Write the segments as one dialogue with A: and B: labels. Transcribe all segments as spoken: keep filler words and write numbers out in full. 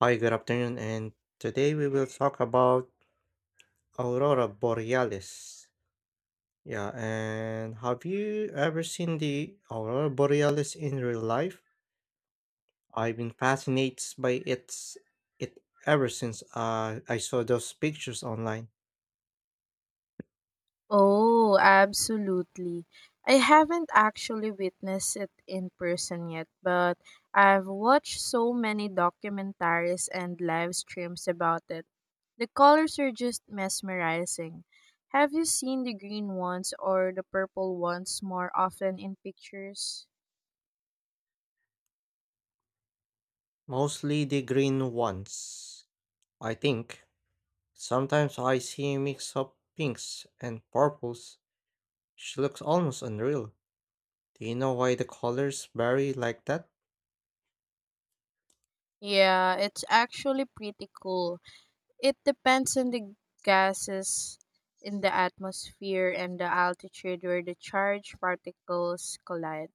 A: Hi, good afternoon, and today we will talk about aurora borealis. Yeah, and have you ever seen the aurora borealis in real life? I've been fascinated by its it ever since uh, I saw those pictures online,
B: Oh, absolutely. I haven't actually witnessed it in person yet, but I've watched so many documentaries and live streams about it. The colors are just mesmerizing. Have you seen the green ones or the purple ones more often in pictures?
A: mostly the green ones. I think sometimes I see a mix of pinks and purples. She looks almost unreal. Do you know why the colors vary like that?
B: Yeah, it's actually pretty cool. It depends on the gases in the atmosphere and the altitude where the charged particles collide.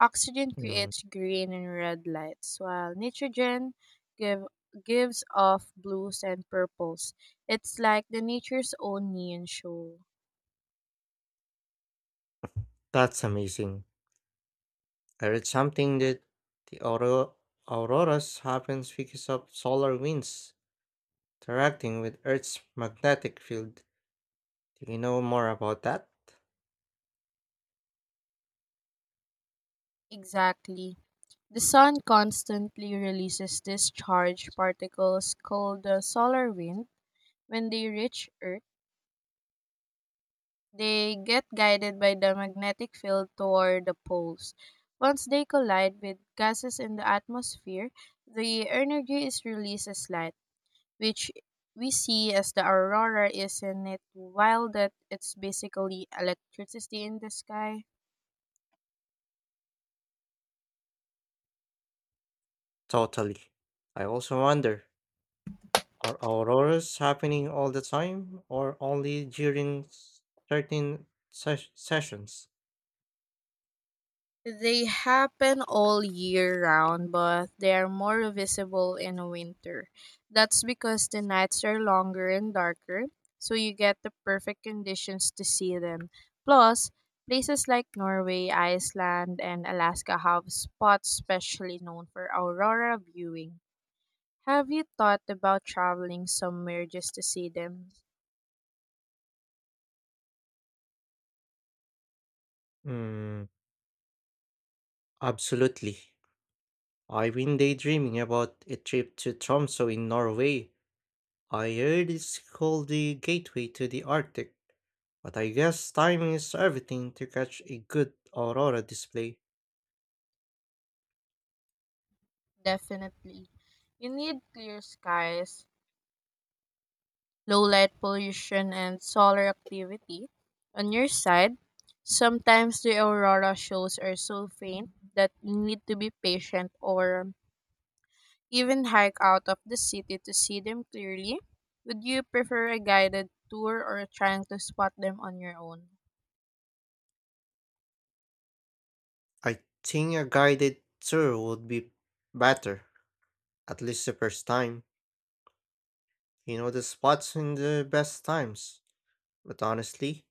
B: Oxygen
A: Mm,
B: creates green and red lights, while nitrogen give, gives off blues and purples. It's like the nature's own neon show.
A: that's amazing. I read something that the auro- auroras happens because of solar winds interacting with Earth's magnetic field. Do you know more about that?
B: Exactly. The sun constantly releases discharged particles called the solar wind. When they reach Earth, they get guided by the magnetic field toward the poles. Once they collide with gases in the atmosphere, the energy is released as light, which we see as the aurora. Isn't it wild that it's basically electricity in the sky?
A: Totally. I also wonder, are auroras happening all the time or only during s- certain ses- sessions?
B: They happen all year round, but they are more visible in winter. That's because the nights are longer and darker, so you get the perfect conditions to see them. Plus, places like Norway, Iceland, and Alaska have spots specially known for aurora viewing. Have you thought about traveling somewhere just to see them?
A: Mm, absolutely. I've been daydreaming about a trip to Tromso in Norway. I heard it's called the gateway to the Arctic. But I guess timing is everything to catch a good aurora display.
B: Definitely. You need clear skies, low light pollution, and solar activity. On your side, sometimes the aurora shows are so faint that you need to be patient or um, even hike out of the city to see them clearly. Would you prefer a guided tour or trying to spot them on your own?
A: I think a guided tour would be better, at least the first time. You know the spots and the best times. But honestly,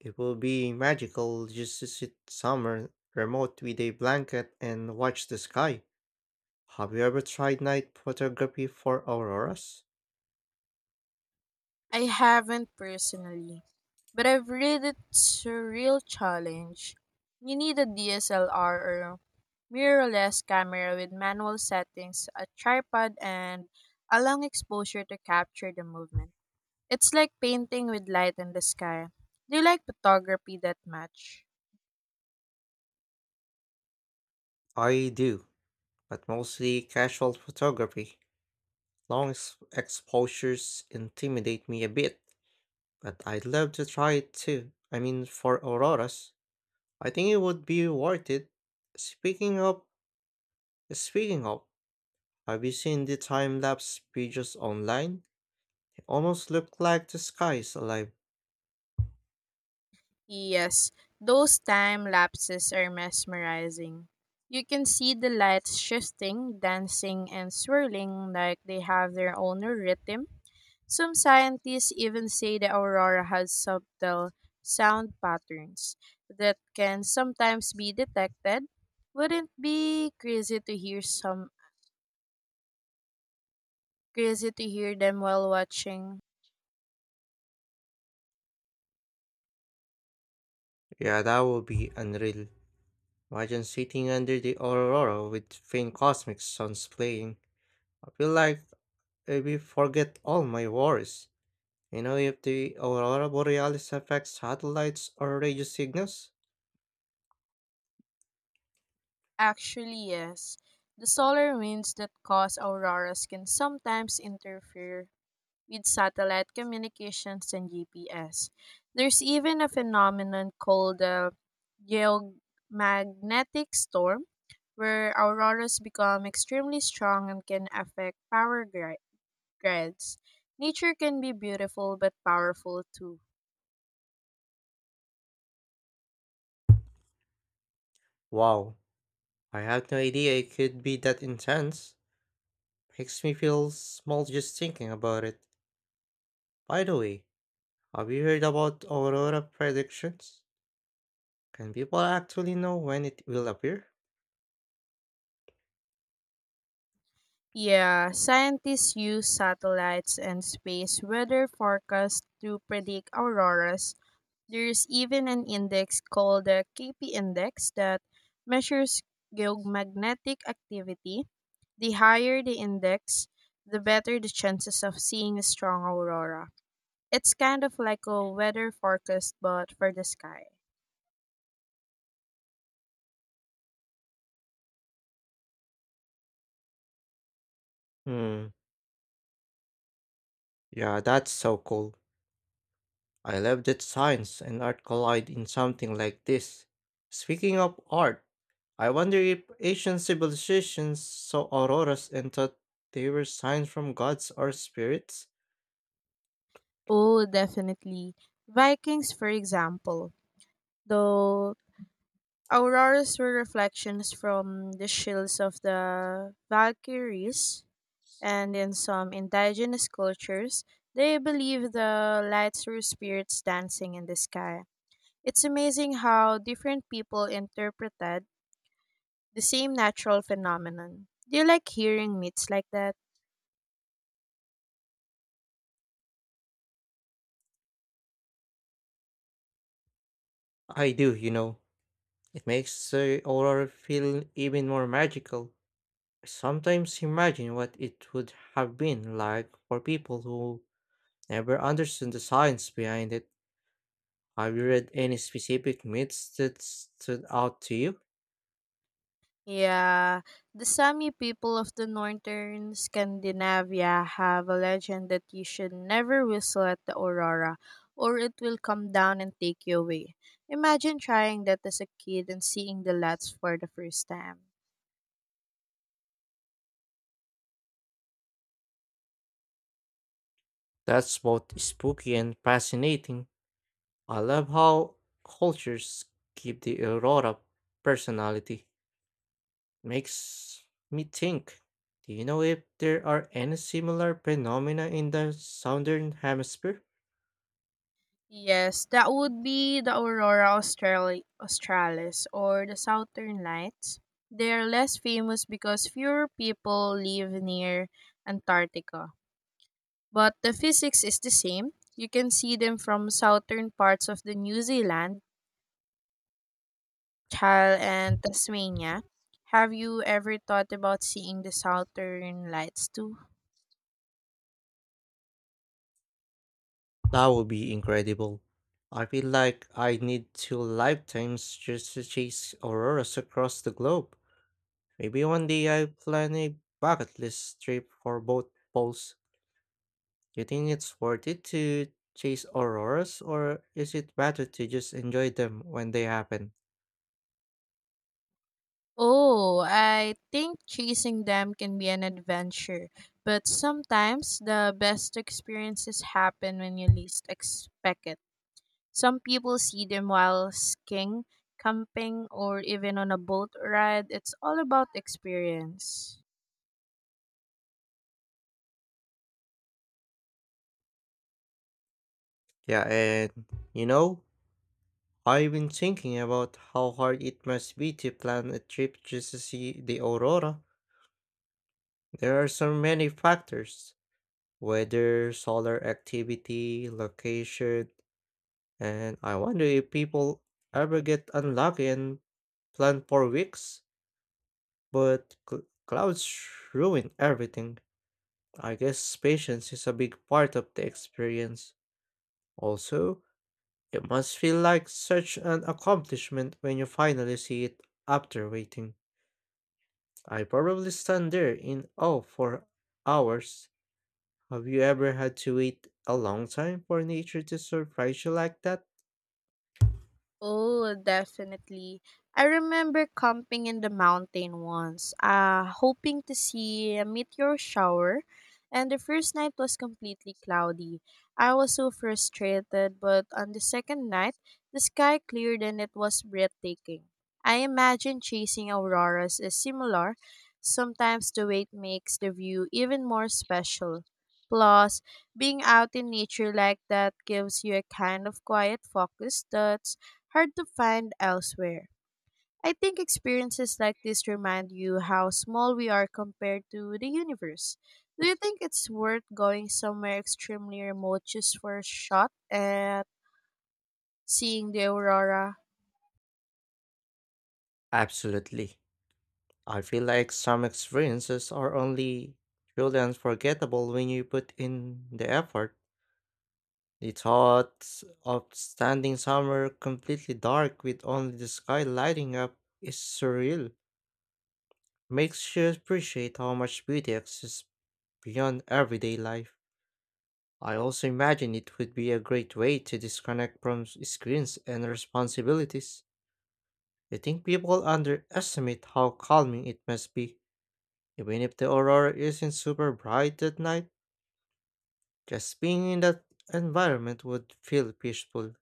A: it will be magical just to sit somewhere remote with a blanket and watch the sky. Have you ever tried night photography for auroras?
B: I haven't personally, but I've read it's a real challenge. You need a D S L R or mirrorless camera with manual settings, a tripod, and a long exposure to capture the movement. It's like painting with light in the sky. Do you like photography that much?
A: I do, but mostly casual photography. Long ex- exposures intimidate me a bit. But I'd love to try it too. I mean, for auroras, I think it would be worth it. Speaking of, speaking of, have you seen the time lapse videos online? They almost look like the sky is alive.
B: Yes, those time lapses are mesmerizing. You can see the lights shifting, dancing, and swirling like they have their own rhythm. Some scientists even say the aurora has subtle sound patterns that can sometimes be detected. Wouldn't be crazy to hear some crazy to hear them while watching.
A: Yeah, that would be unreal. Imagine sitting under the aurora with faint cosmic suns playing. I feel like I will forget all my worries. You know, if the aurora borealis affects satellites or radio signals?
B: Actually, yes. The solar winds that cause auroras can sometimes interfere with satellite communications and G P S. There's even a phenomenon called the geomagnetic storm where auroras become extremely strong and can affect power gri- grids. Nature can be beautiful but powerful too.
A: Wow, I had no idea it could be that intense. Makes me feel small just thinking about it. By the way, have you heard about aurora predictions? Can people actually know when it will appear?
B: Yeah, scientists use satellites and space weather forecasts to predict auroras. There's even an index called the K P index that measures geomagnetic activity. The higher the index, the better the chances of seeing a strong aurora. It's kind of like a weather forecast, but for the sky.
A: Hmm, yeah, that's so cool. I love that science and art collide in something like this. Speaking of art, I wonder if ancient civilizations saw auroras and thought they were signs from gods or spirits?
B: Oh, definitely. Vikings, for example, though auroras were reflections from the shields of the Valkyries, and in some indigenous cultures, they believe the lights were spirits dancing in the sky. It's amazing how different people interpreted the same natural phenomenon. Do you like hearing myths like that?
A: I do, you know. It makes the aurora feel even more magical. I sometimes imagine what it would have been like for people who never understood the science behind it. Have you read any specific myths that stood out to you?
B: Yeah, the Sami people of the northern Scandinavia have a legend that you should never whistle at the aurora or it will come down and take you away. Imagine trying that as a kid and seeing the lights for the first time.
A: That's both spooky and fascinating. I love how cultures give the aurora personality. Makes me think. Do you know if there are any similar phenomena in the southern hemisphere?
B: Yes, that would be the aurora australi- australis or the southern lights. They are less famous because fewer people live near Antarctica. But the physics is the same. You can see them from southern parts of the New Zealand, Chile, and Tasmania. Have you ever thought about seeing the southern lights too?
A: That would be incredible. I feel like I need two lifetimes just to chase auroras across the globe. Maybe one day I plan a bucket list trip for both poles. Do you think it's worth it to chase auroras, or is it better to just enjoy them when they happen?
B: Oh, I think chasing them can be an adventure, but sometimes the best experiences happen when you least expect it. Some people see them while skiing, camping, or even on a boat ride. It's all about experience.
A: Yeah, and you know, I've been thinking about how hard it must be to plan a trip just to see the aurora. There are so many factors: weather, solar activity, location, and I wonder if people ever get unlucky and plan for weeks, but cl- clouds ruin everything. I guess patience is a big part of the experience. Also, it must feel like such an accomplishment when you finally see it after waiting. I probably stand there in awe for hours. Have you ever had to wait a long time for nature to surprise you like that?
B: Oh, definitely. I remember camping in the mountain once, uh, hoping to see a meteor shower, and the first night was completely cloudy. I was so frustrated, but on the second night, the sky cleared and it was breathtaking. I imagine chasing auroras is similar. Sometimes the wait makes the view even more special. Plus, being out in nature like that gives you a kind of quiet focus that's hard to find elsewhere. I think experiences like this remind you how small we are compared to the universe. Do you think it's worth going somewhere extremely remote just for a shot at seeing the aurora?
A: Absolutely. I feel like some experiences are only truly unforgettable when you put in the effort. The thought of standing somewhere completely dark with only the sky lighting up is surreal. Makes you appreciate how much beauty exists beyond everyday life. I also imagine it would be a great way to disconnect from s- screens and responsibilities. I think people underestimate how calming it must be. Even if the aurora isn't super bright at night, just being in that environment would feel peaceful.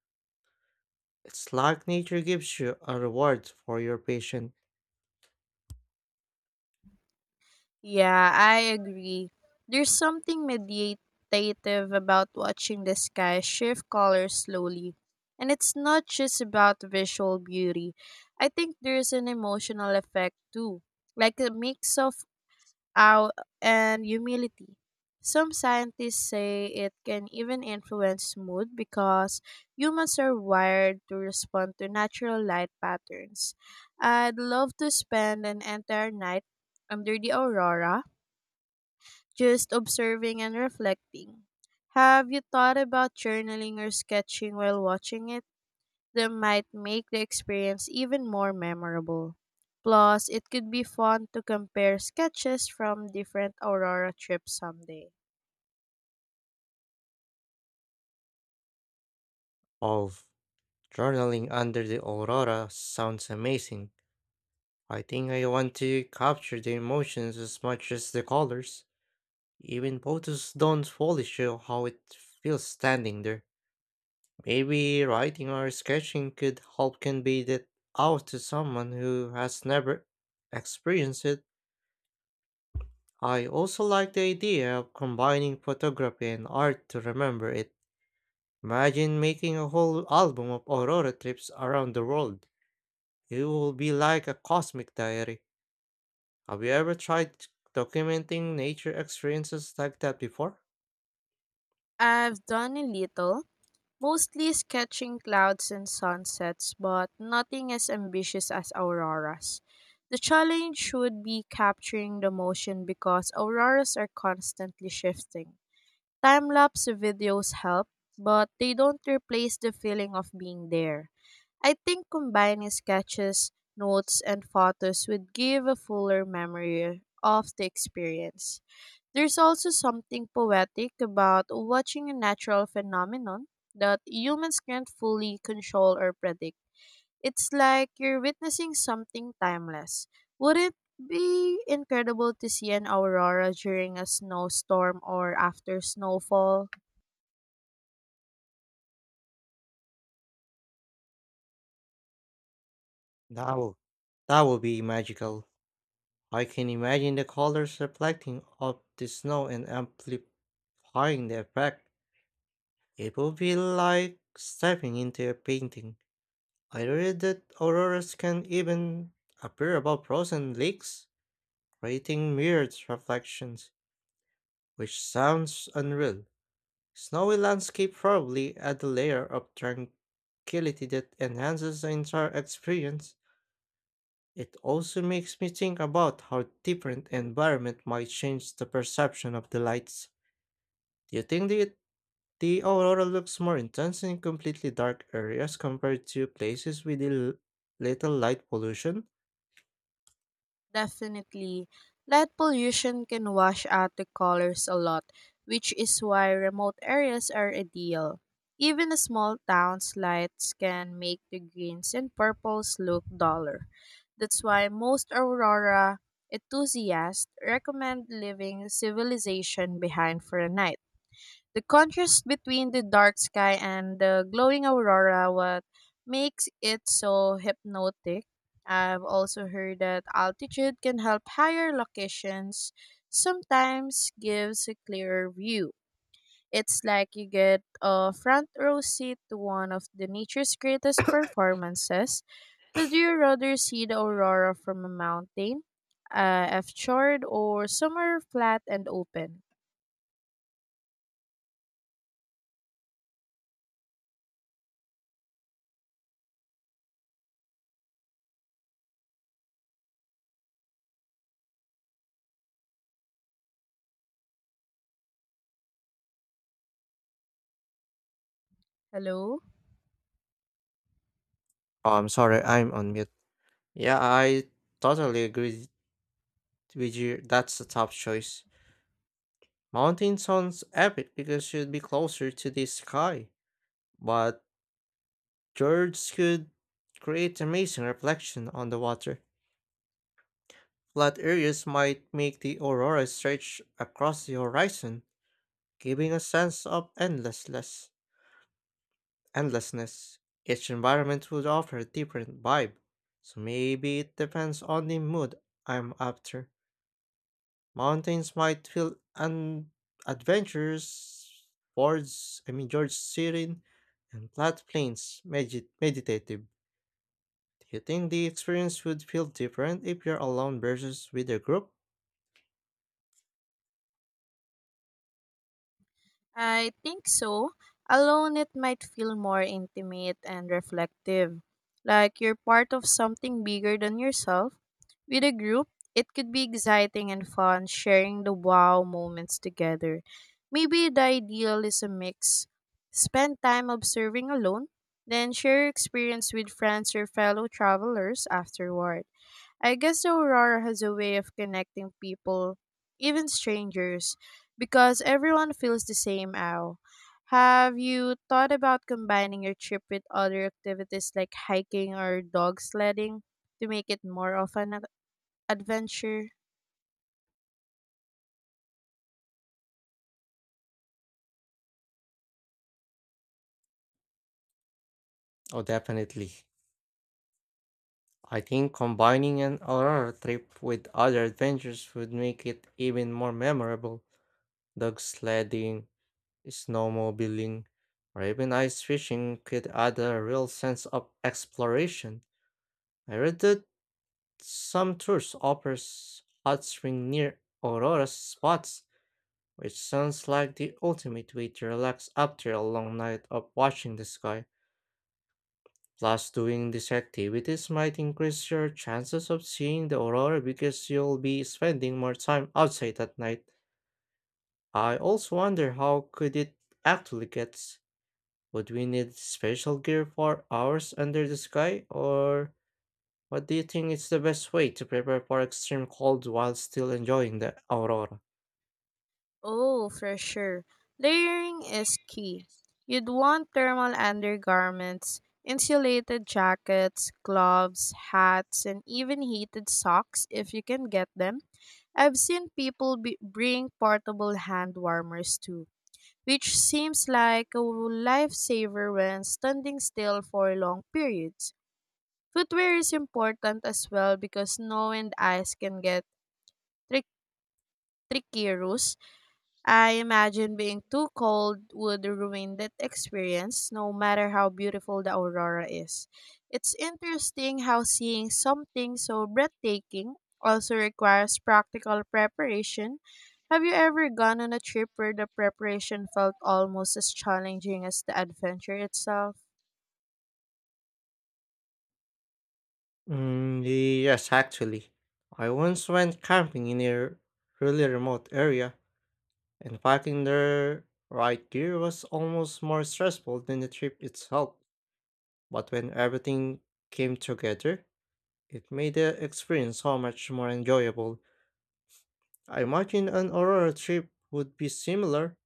A: It's like nature gives you a reward for your patience.
B: Yeah, I agree. There's something meditative about watching the sky shift colors slowly. And it's not just about visual beauty. I think there's an emotional effect too, like a mix of out and humility. Some scientists say it can even influence mood because humans are wired to respond to natural light patterns. I'd love to spend an entire night under the aurora just observing and reflecting. Have you thought about journaling or sketching while watching it? That might make the experience even more memorable. Plus, it could be fun to compare sketches from different Aurora trips someday.
A: Of journaling under the aurora sounds amazing. I think I want to capture the emotions as much as the colors. Even photos don't fully show how it feels standing there. Maybe writing or sketching could help convey that out to someone who has never experienced it. I also like the idea of combining photography and art to remember it. Imagine making a whole album of aurora trips around the world. It will be like a cosmic diary. Have you ever tried documenting nature experiences like that before?
B: I've done a little, mostly sketching clouds and sunsets, but nothing as ambitious as Auroras. The challenge should be capturing the motion because auroras are constantly shifting. Time lapse videos help, but they don't replace the feeling of being there. I think combining sketches, notes, and photos would give a fuller memory of the experience. There's also something poetic about watching a natural phenomenon that humans can't fully control or predict. It's like you're witnessing something timeless. Would it be incredible to see an aurora during a snowstorm or after snowfall?
A: That will, that will be magical. I can imagine the colors reflecting off the snow and amplifying the effect. It will be like stepping into a painting. I read that auroras can even appear above frozen lakes, creating mirrored reflections, which sounds unreal. Snowy landscape probably add a layer of tranquility that enhances the entire experience. It also makes me think about how different environment might change the perception of the lights. Do you think the, the aurora looks more intense in completely dark areas compared to places with l- little light pollution?
B: Definitely. Light pollution can wash out the colors a lot, which is why remote areas are ideal. Even a small town's lights can make the greens and purples look duller. That's why most aurora enthusiasts recommend leaving civilization behind for a night. The contrast between the dark sky and the glowing aurora what makes it so hypnotic. I've also heard that altitude can help higher locations sometimes gives a clearer view. It's like you get a front row seat to one of the nature's greatest performances. Would you rather see the aurora from a mountain, uh, a fjord, or somewhere flat and open? Hello?
A: Oh, I'm sorry, I'm on mute. Yeah, I totally agree with you. That's a tough choice. Mountain sounds epic because you'd be closer to the sky, but George could create amazing reflection on the water. Flat areas might make the aurora stretch across the horizon, giving a sense of endlessness. Endlessness. Each environment would offer a different vibe, so maybe it depends on the mood I'm after. Mountains might feel un- adventurous, fords, I mean, George serene, and flat plains, medit- meditative. Do you think the experience would feel different if you're alone versus with a group?
B: I think so. Alone, it might feel more intimate and reflective, like you're part of something bigger than yourself. With a group, it could be exciting and fun sharing the wow moments together. Maybe the ideal is a mix. Spend time observing alone, then share your experience with friends or fellow travelers afterward. I guess the Aurora has a way of connecting people, even strangers, because everyone feels the same ow. Have you thought about combining your trip with other activities like hiking or dog sledding to make it more of an ad- adventure?
A: Oh, definitely. I think combining an Aurora trip with other adventures would make it even more memorable. Dog sledding, snowmobiling, or even ice fishing could add a real sense of exploration. I read that some tours offers hot spring near Aurora spots, which sounds like the ultimate way to relax after a long night of watching the sky. Plus, doing these activities might increase your chances of seeing the aurora because you'll be spending more time outside at night. I also wonder how could it actually get? Would we need special gear for hours under the sky, or what do you think is the best way to prepare for extreme cold while still enjoying the aurora?
B: Oh, for sure. Layering is key. You'd want thermal undergarments, insulated jackets, gloves, hats, and even heated socks if you can get them. I've seen people b- bring portable hand warmers too, which seems like a lifesaver when standing still for long periods. Footwear is important as well because snow and ice can get trick- tricky. I imagine being too cold would ruin that experience, no matter how beautiful the aurora is. It's interesting how seeing something so breathtaking also requires practical preparation. Have you ever gone on a trip where the preparation felt almost as challenging as the adventure itself?
A: Mm, yes, actually. I once went camping in a really remote area, and packing the right gear was almost more stressful than the trip itself. But when everything came together, it made the experience so much more enjoyable. I imagine an aurora trip would be similar.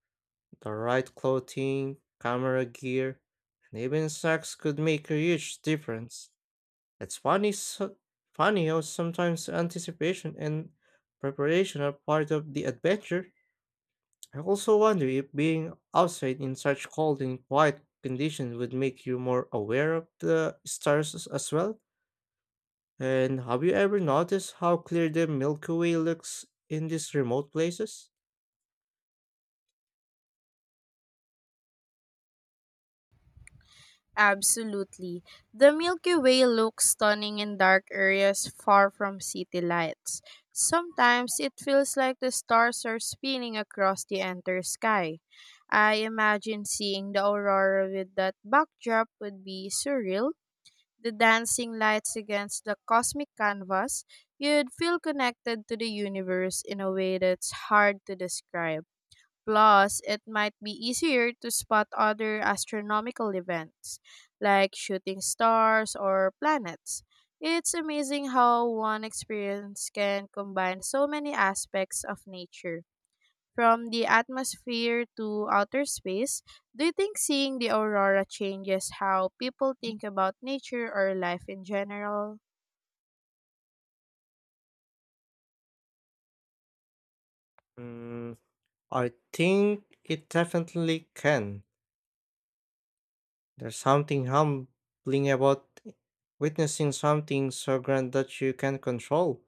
A: The right clothing, camera gear, and even snacks could make a huge difference. It's funny, so, funny how sometimes anticipation and preparation are part of the adventure. I also wonder if being outside in such cold and quiet conditions would make you more aware of the stars as as well. And have you ever noticed how clear the Milky Way looks in these remote places?
B: Absolutely. The Milky Way looks stunning in dark areas far from city lights. Sometimes it feels like the stars are spinning across the entire sky. I imagine seeing the aurora with that backdrop would be surreal. The dancing lights against the cosmic canvas, you'd feel connected to the universe in a way that's hard to describe. Plus, it might be easier to spot other astronomical events, like shooting stars or planets. It's amazing how one experience can combine so many aspects of nature, from the atmosphere to outer space. Do you think seeing the aurora changes how people think about nature or life in general?
A: Mm, I think it definitely can. There's something humbling about witnessing something so grand that you can not control.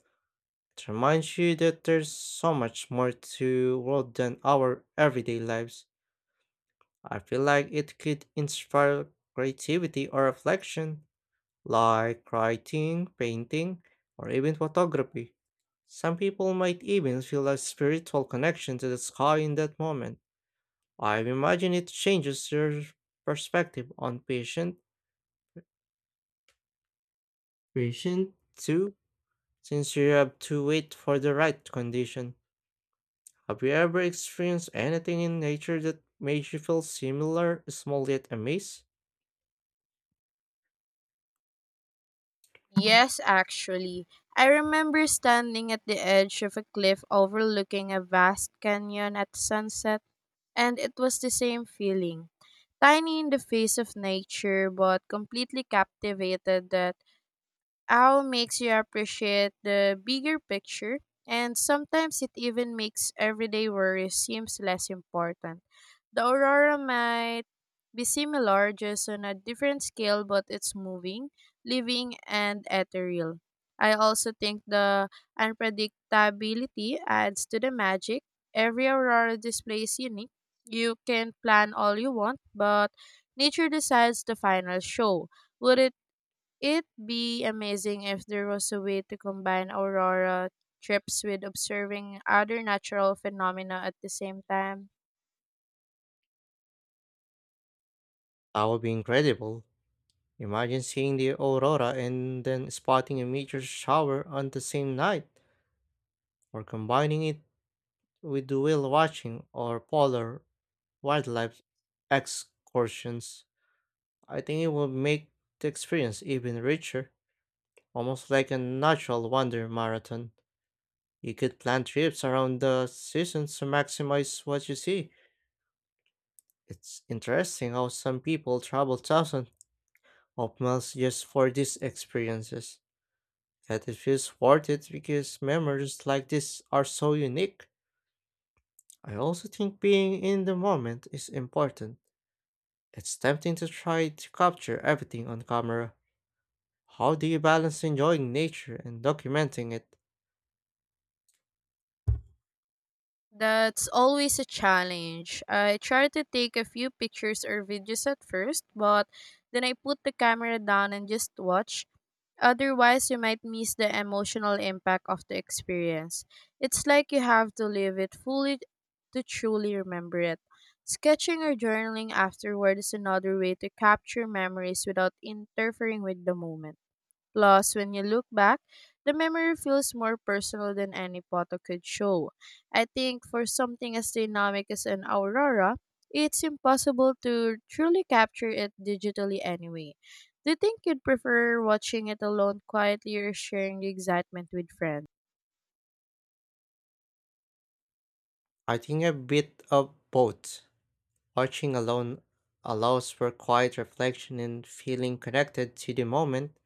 A: It reminds you that there's so much more to world than our everyday lives. I feel like it could inspire creativity or reflection, like writing, painting, or even photography. Some people might even feel a spiritual connection to the sky in that moment. I imagine it changes your perspective on patience. Patient too, since you have to wait for the right condition. Have you ever experienced anything in nature that made you feel similar, small yet amazed?
B: Yes, actually. I remember standing at the edge of a cliff overlooking a vast canyon at sunset, and it was the same feeling. Tiny in the face of nature, but completely captivated. That owl makes you appreciate the bigger picture, and sometimes it even makes everyday worries seems less important. The aurora might be similar, just on a different scale, but it's moving, living, and ethereal. I also think the unpredictability adds to the magic. Every aurora display is unique. You can plan all you want, but nature decides the final show. Would it, it be amazing if there was a way to combine aurora trips with observing other natural phenomena at the same time?
A: That would be incredible. Imagine seeing the aurora and then spotting a meteor shower on the same night, or combining it with the whale watching or polar wildlife excursions. I think it would make the experience even richer, almost like a natural wonder marathon. You could plan trips around the seasons to maximize what you see. It's interesting how some people travel thousands of miles just for these experiences. Yet it feels worth it because memories like this are so unique. I also think being in the moment is important. It's tempting to try to capture everything on camera. How do you balance enjoying nature and documenting it?
B: That's always a challenge. I try to take a few pictures or videos at first, but then I put the camera down and just watch. Otherwise, you might miss the emotional impact of the experience. It's like you have to live it fully to truly remember it. Sketching or journaling afterward is another way to capture memories without interfering with the moment. Plus, when you look back, the memory feels more personal than any photo could show. I think for something as dynamic as an aurora, it's impossible to truly capture it digitally anyway. Do you think you'd prefer watching it alone quietly or sharing the excitement with friends?
A: I think a bit of both. Marching alone allows for quiet reflection and feeling connected to the moment,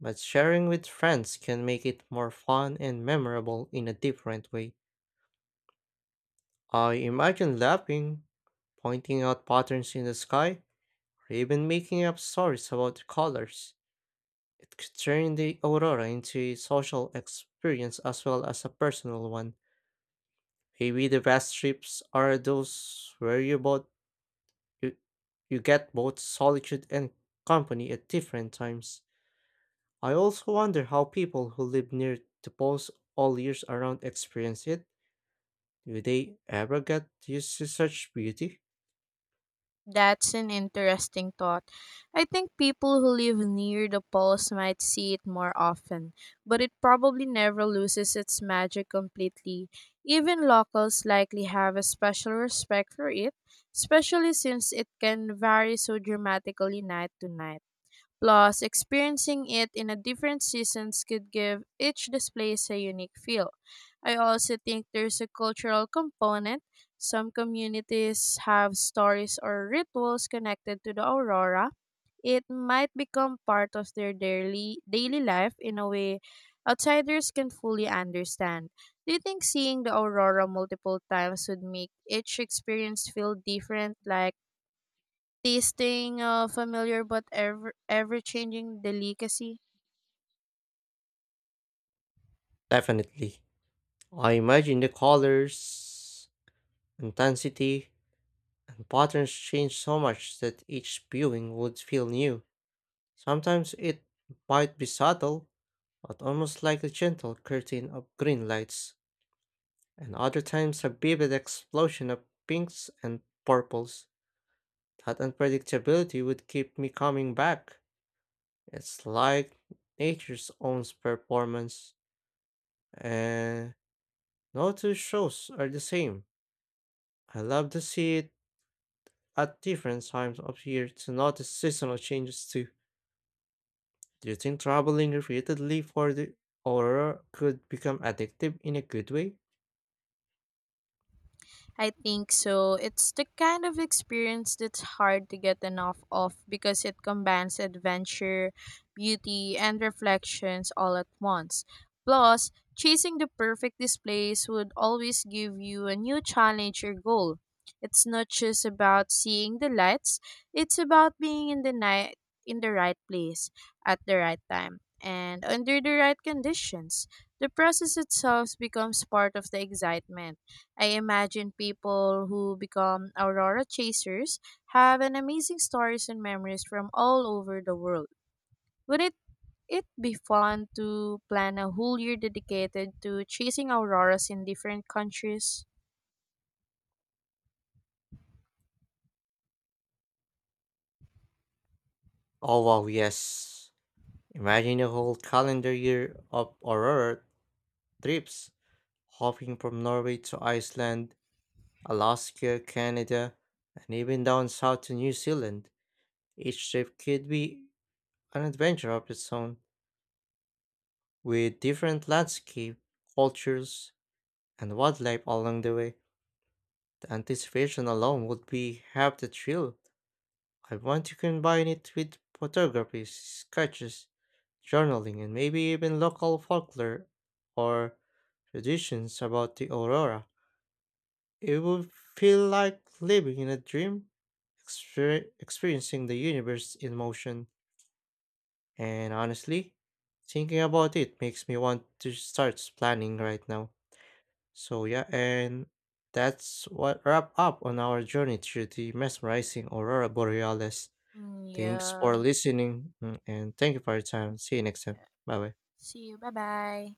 A: but sharing with friends can make it more fun and memorable in a different way. I imagine laughing, pointing out patterns in the sky, or even making up stories about the colors. It could turn the aurora into a social experience as well as a personal one. Maybe the best trips are those where you both You, you get both solitude and company at different times. I also wonder how people who live near the poles all years around experience it. Do they ever get used to such beauty?
B: That's an interesting thought. I think people who live near the poles might see it more often, but it probably never loses its magic completely. Even locals likely have a special respect for it, especially since it can vary so dramatically night to night. Plus, experiencing it in a different seasons could give each displace a unique feel. I also think there's a cultural component. Some communities have stories or rituals connected to the aurora. It might become part of their daily daily life in a way outsiders can fully understand. Do you think seeing the aurora multiple times would make each experience feel different, like tasting a familiar but ever ever changing delicacy?
A: Definitely. I imagine the colors, intensity, and patterns change so much that each viewing would feel new. Sometimes it might be subtle, but almost like a gentle curtain of green lights, and other times a vivid explosion of pinks and purples. That unpredictability would keep me coming back. It's like nature's own performance, and no two shows are the same. I love to see it at different times of year to notice seasonal changes too. Do you think traveling repeatedly for the aurora could become addictive in a good way?
B: I think so. It's the kind of experience that's hard to get enough of because it combines adventure, beauty, and reflections all at once. Plus, chasing the perfect displays would always give you a new challenge or goal. It's not just about seeing the lights, it's about being in the night in the right place at the right time and under the right conditions. The process itself becomes part of the excitement. I imagine people who become aurora chasers have an amazing stories and memories from all over the world. Would it it be fun to plan a whole year dedicated to chasing auroras in different countries?
A: Oh wow, yes. Imagine a whole calendar year of Aurora trips, hopping from Norway to Iceland, Alaska, Canada, and even down south to New Zealand. Each trip could be an adventure of its own, with different landscape, cultures, and wildlife along the way. The anticipation alone would be half the thrill. I want to combine it with photography, sketches, journaling, and maybe even local folklore or traditions about the aurora. It would feel like living in a dream, exper- experiencing the universe in motion. And honestly, thinking about it makes me want to start planning right now. So, yeah, and that's what wrap up on our journey through the mesmerizing aurora borealis.
B: Mm,
A: Thanks for
B: yeah.
A: listening, mm, and thank you for your time. See you next time. Bye bye.
B: See you. Bye bye.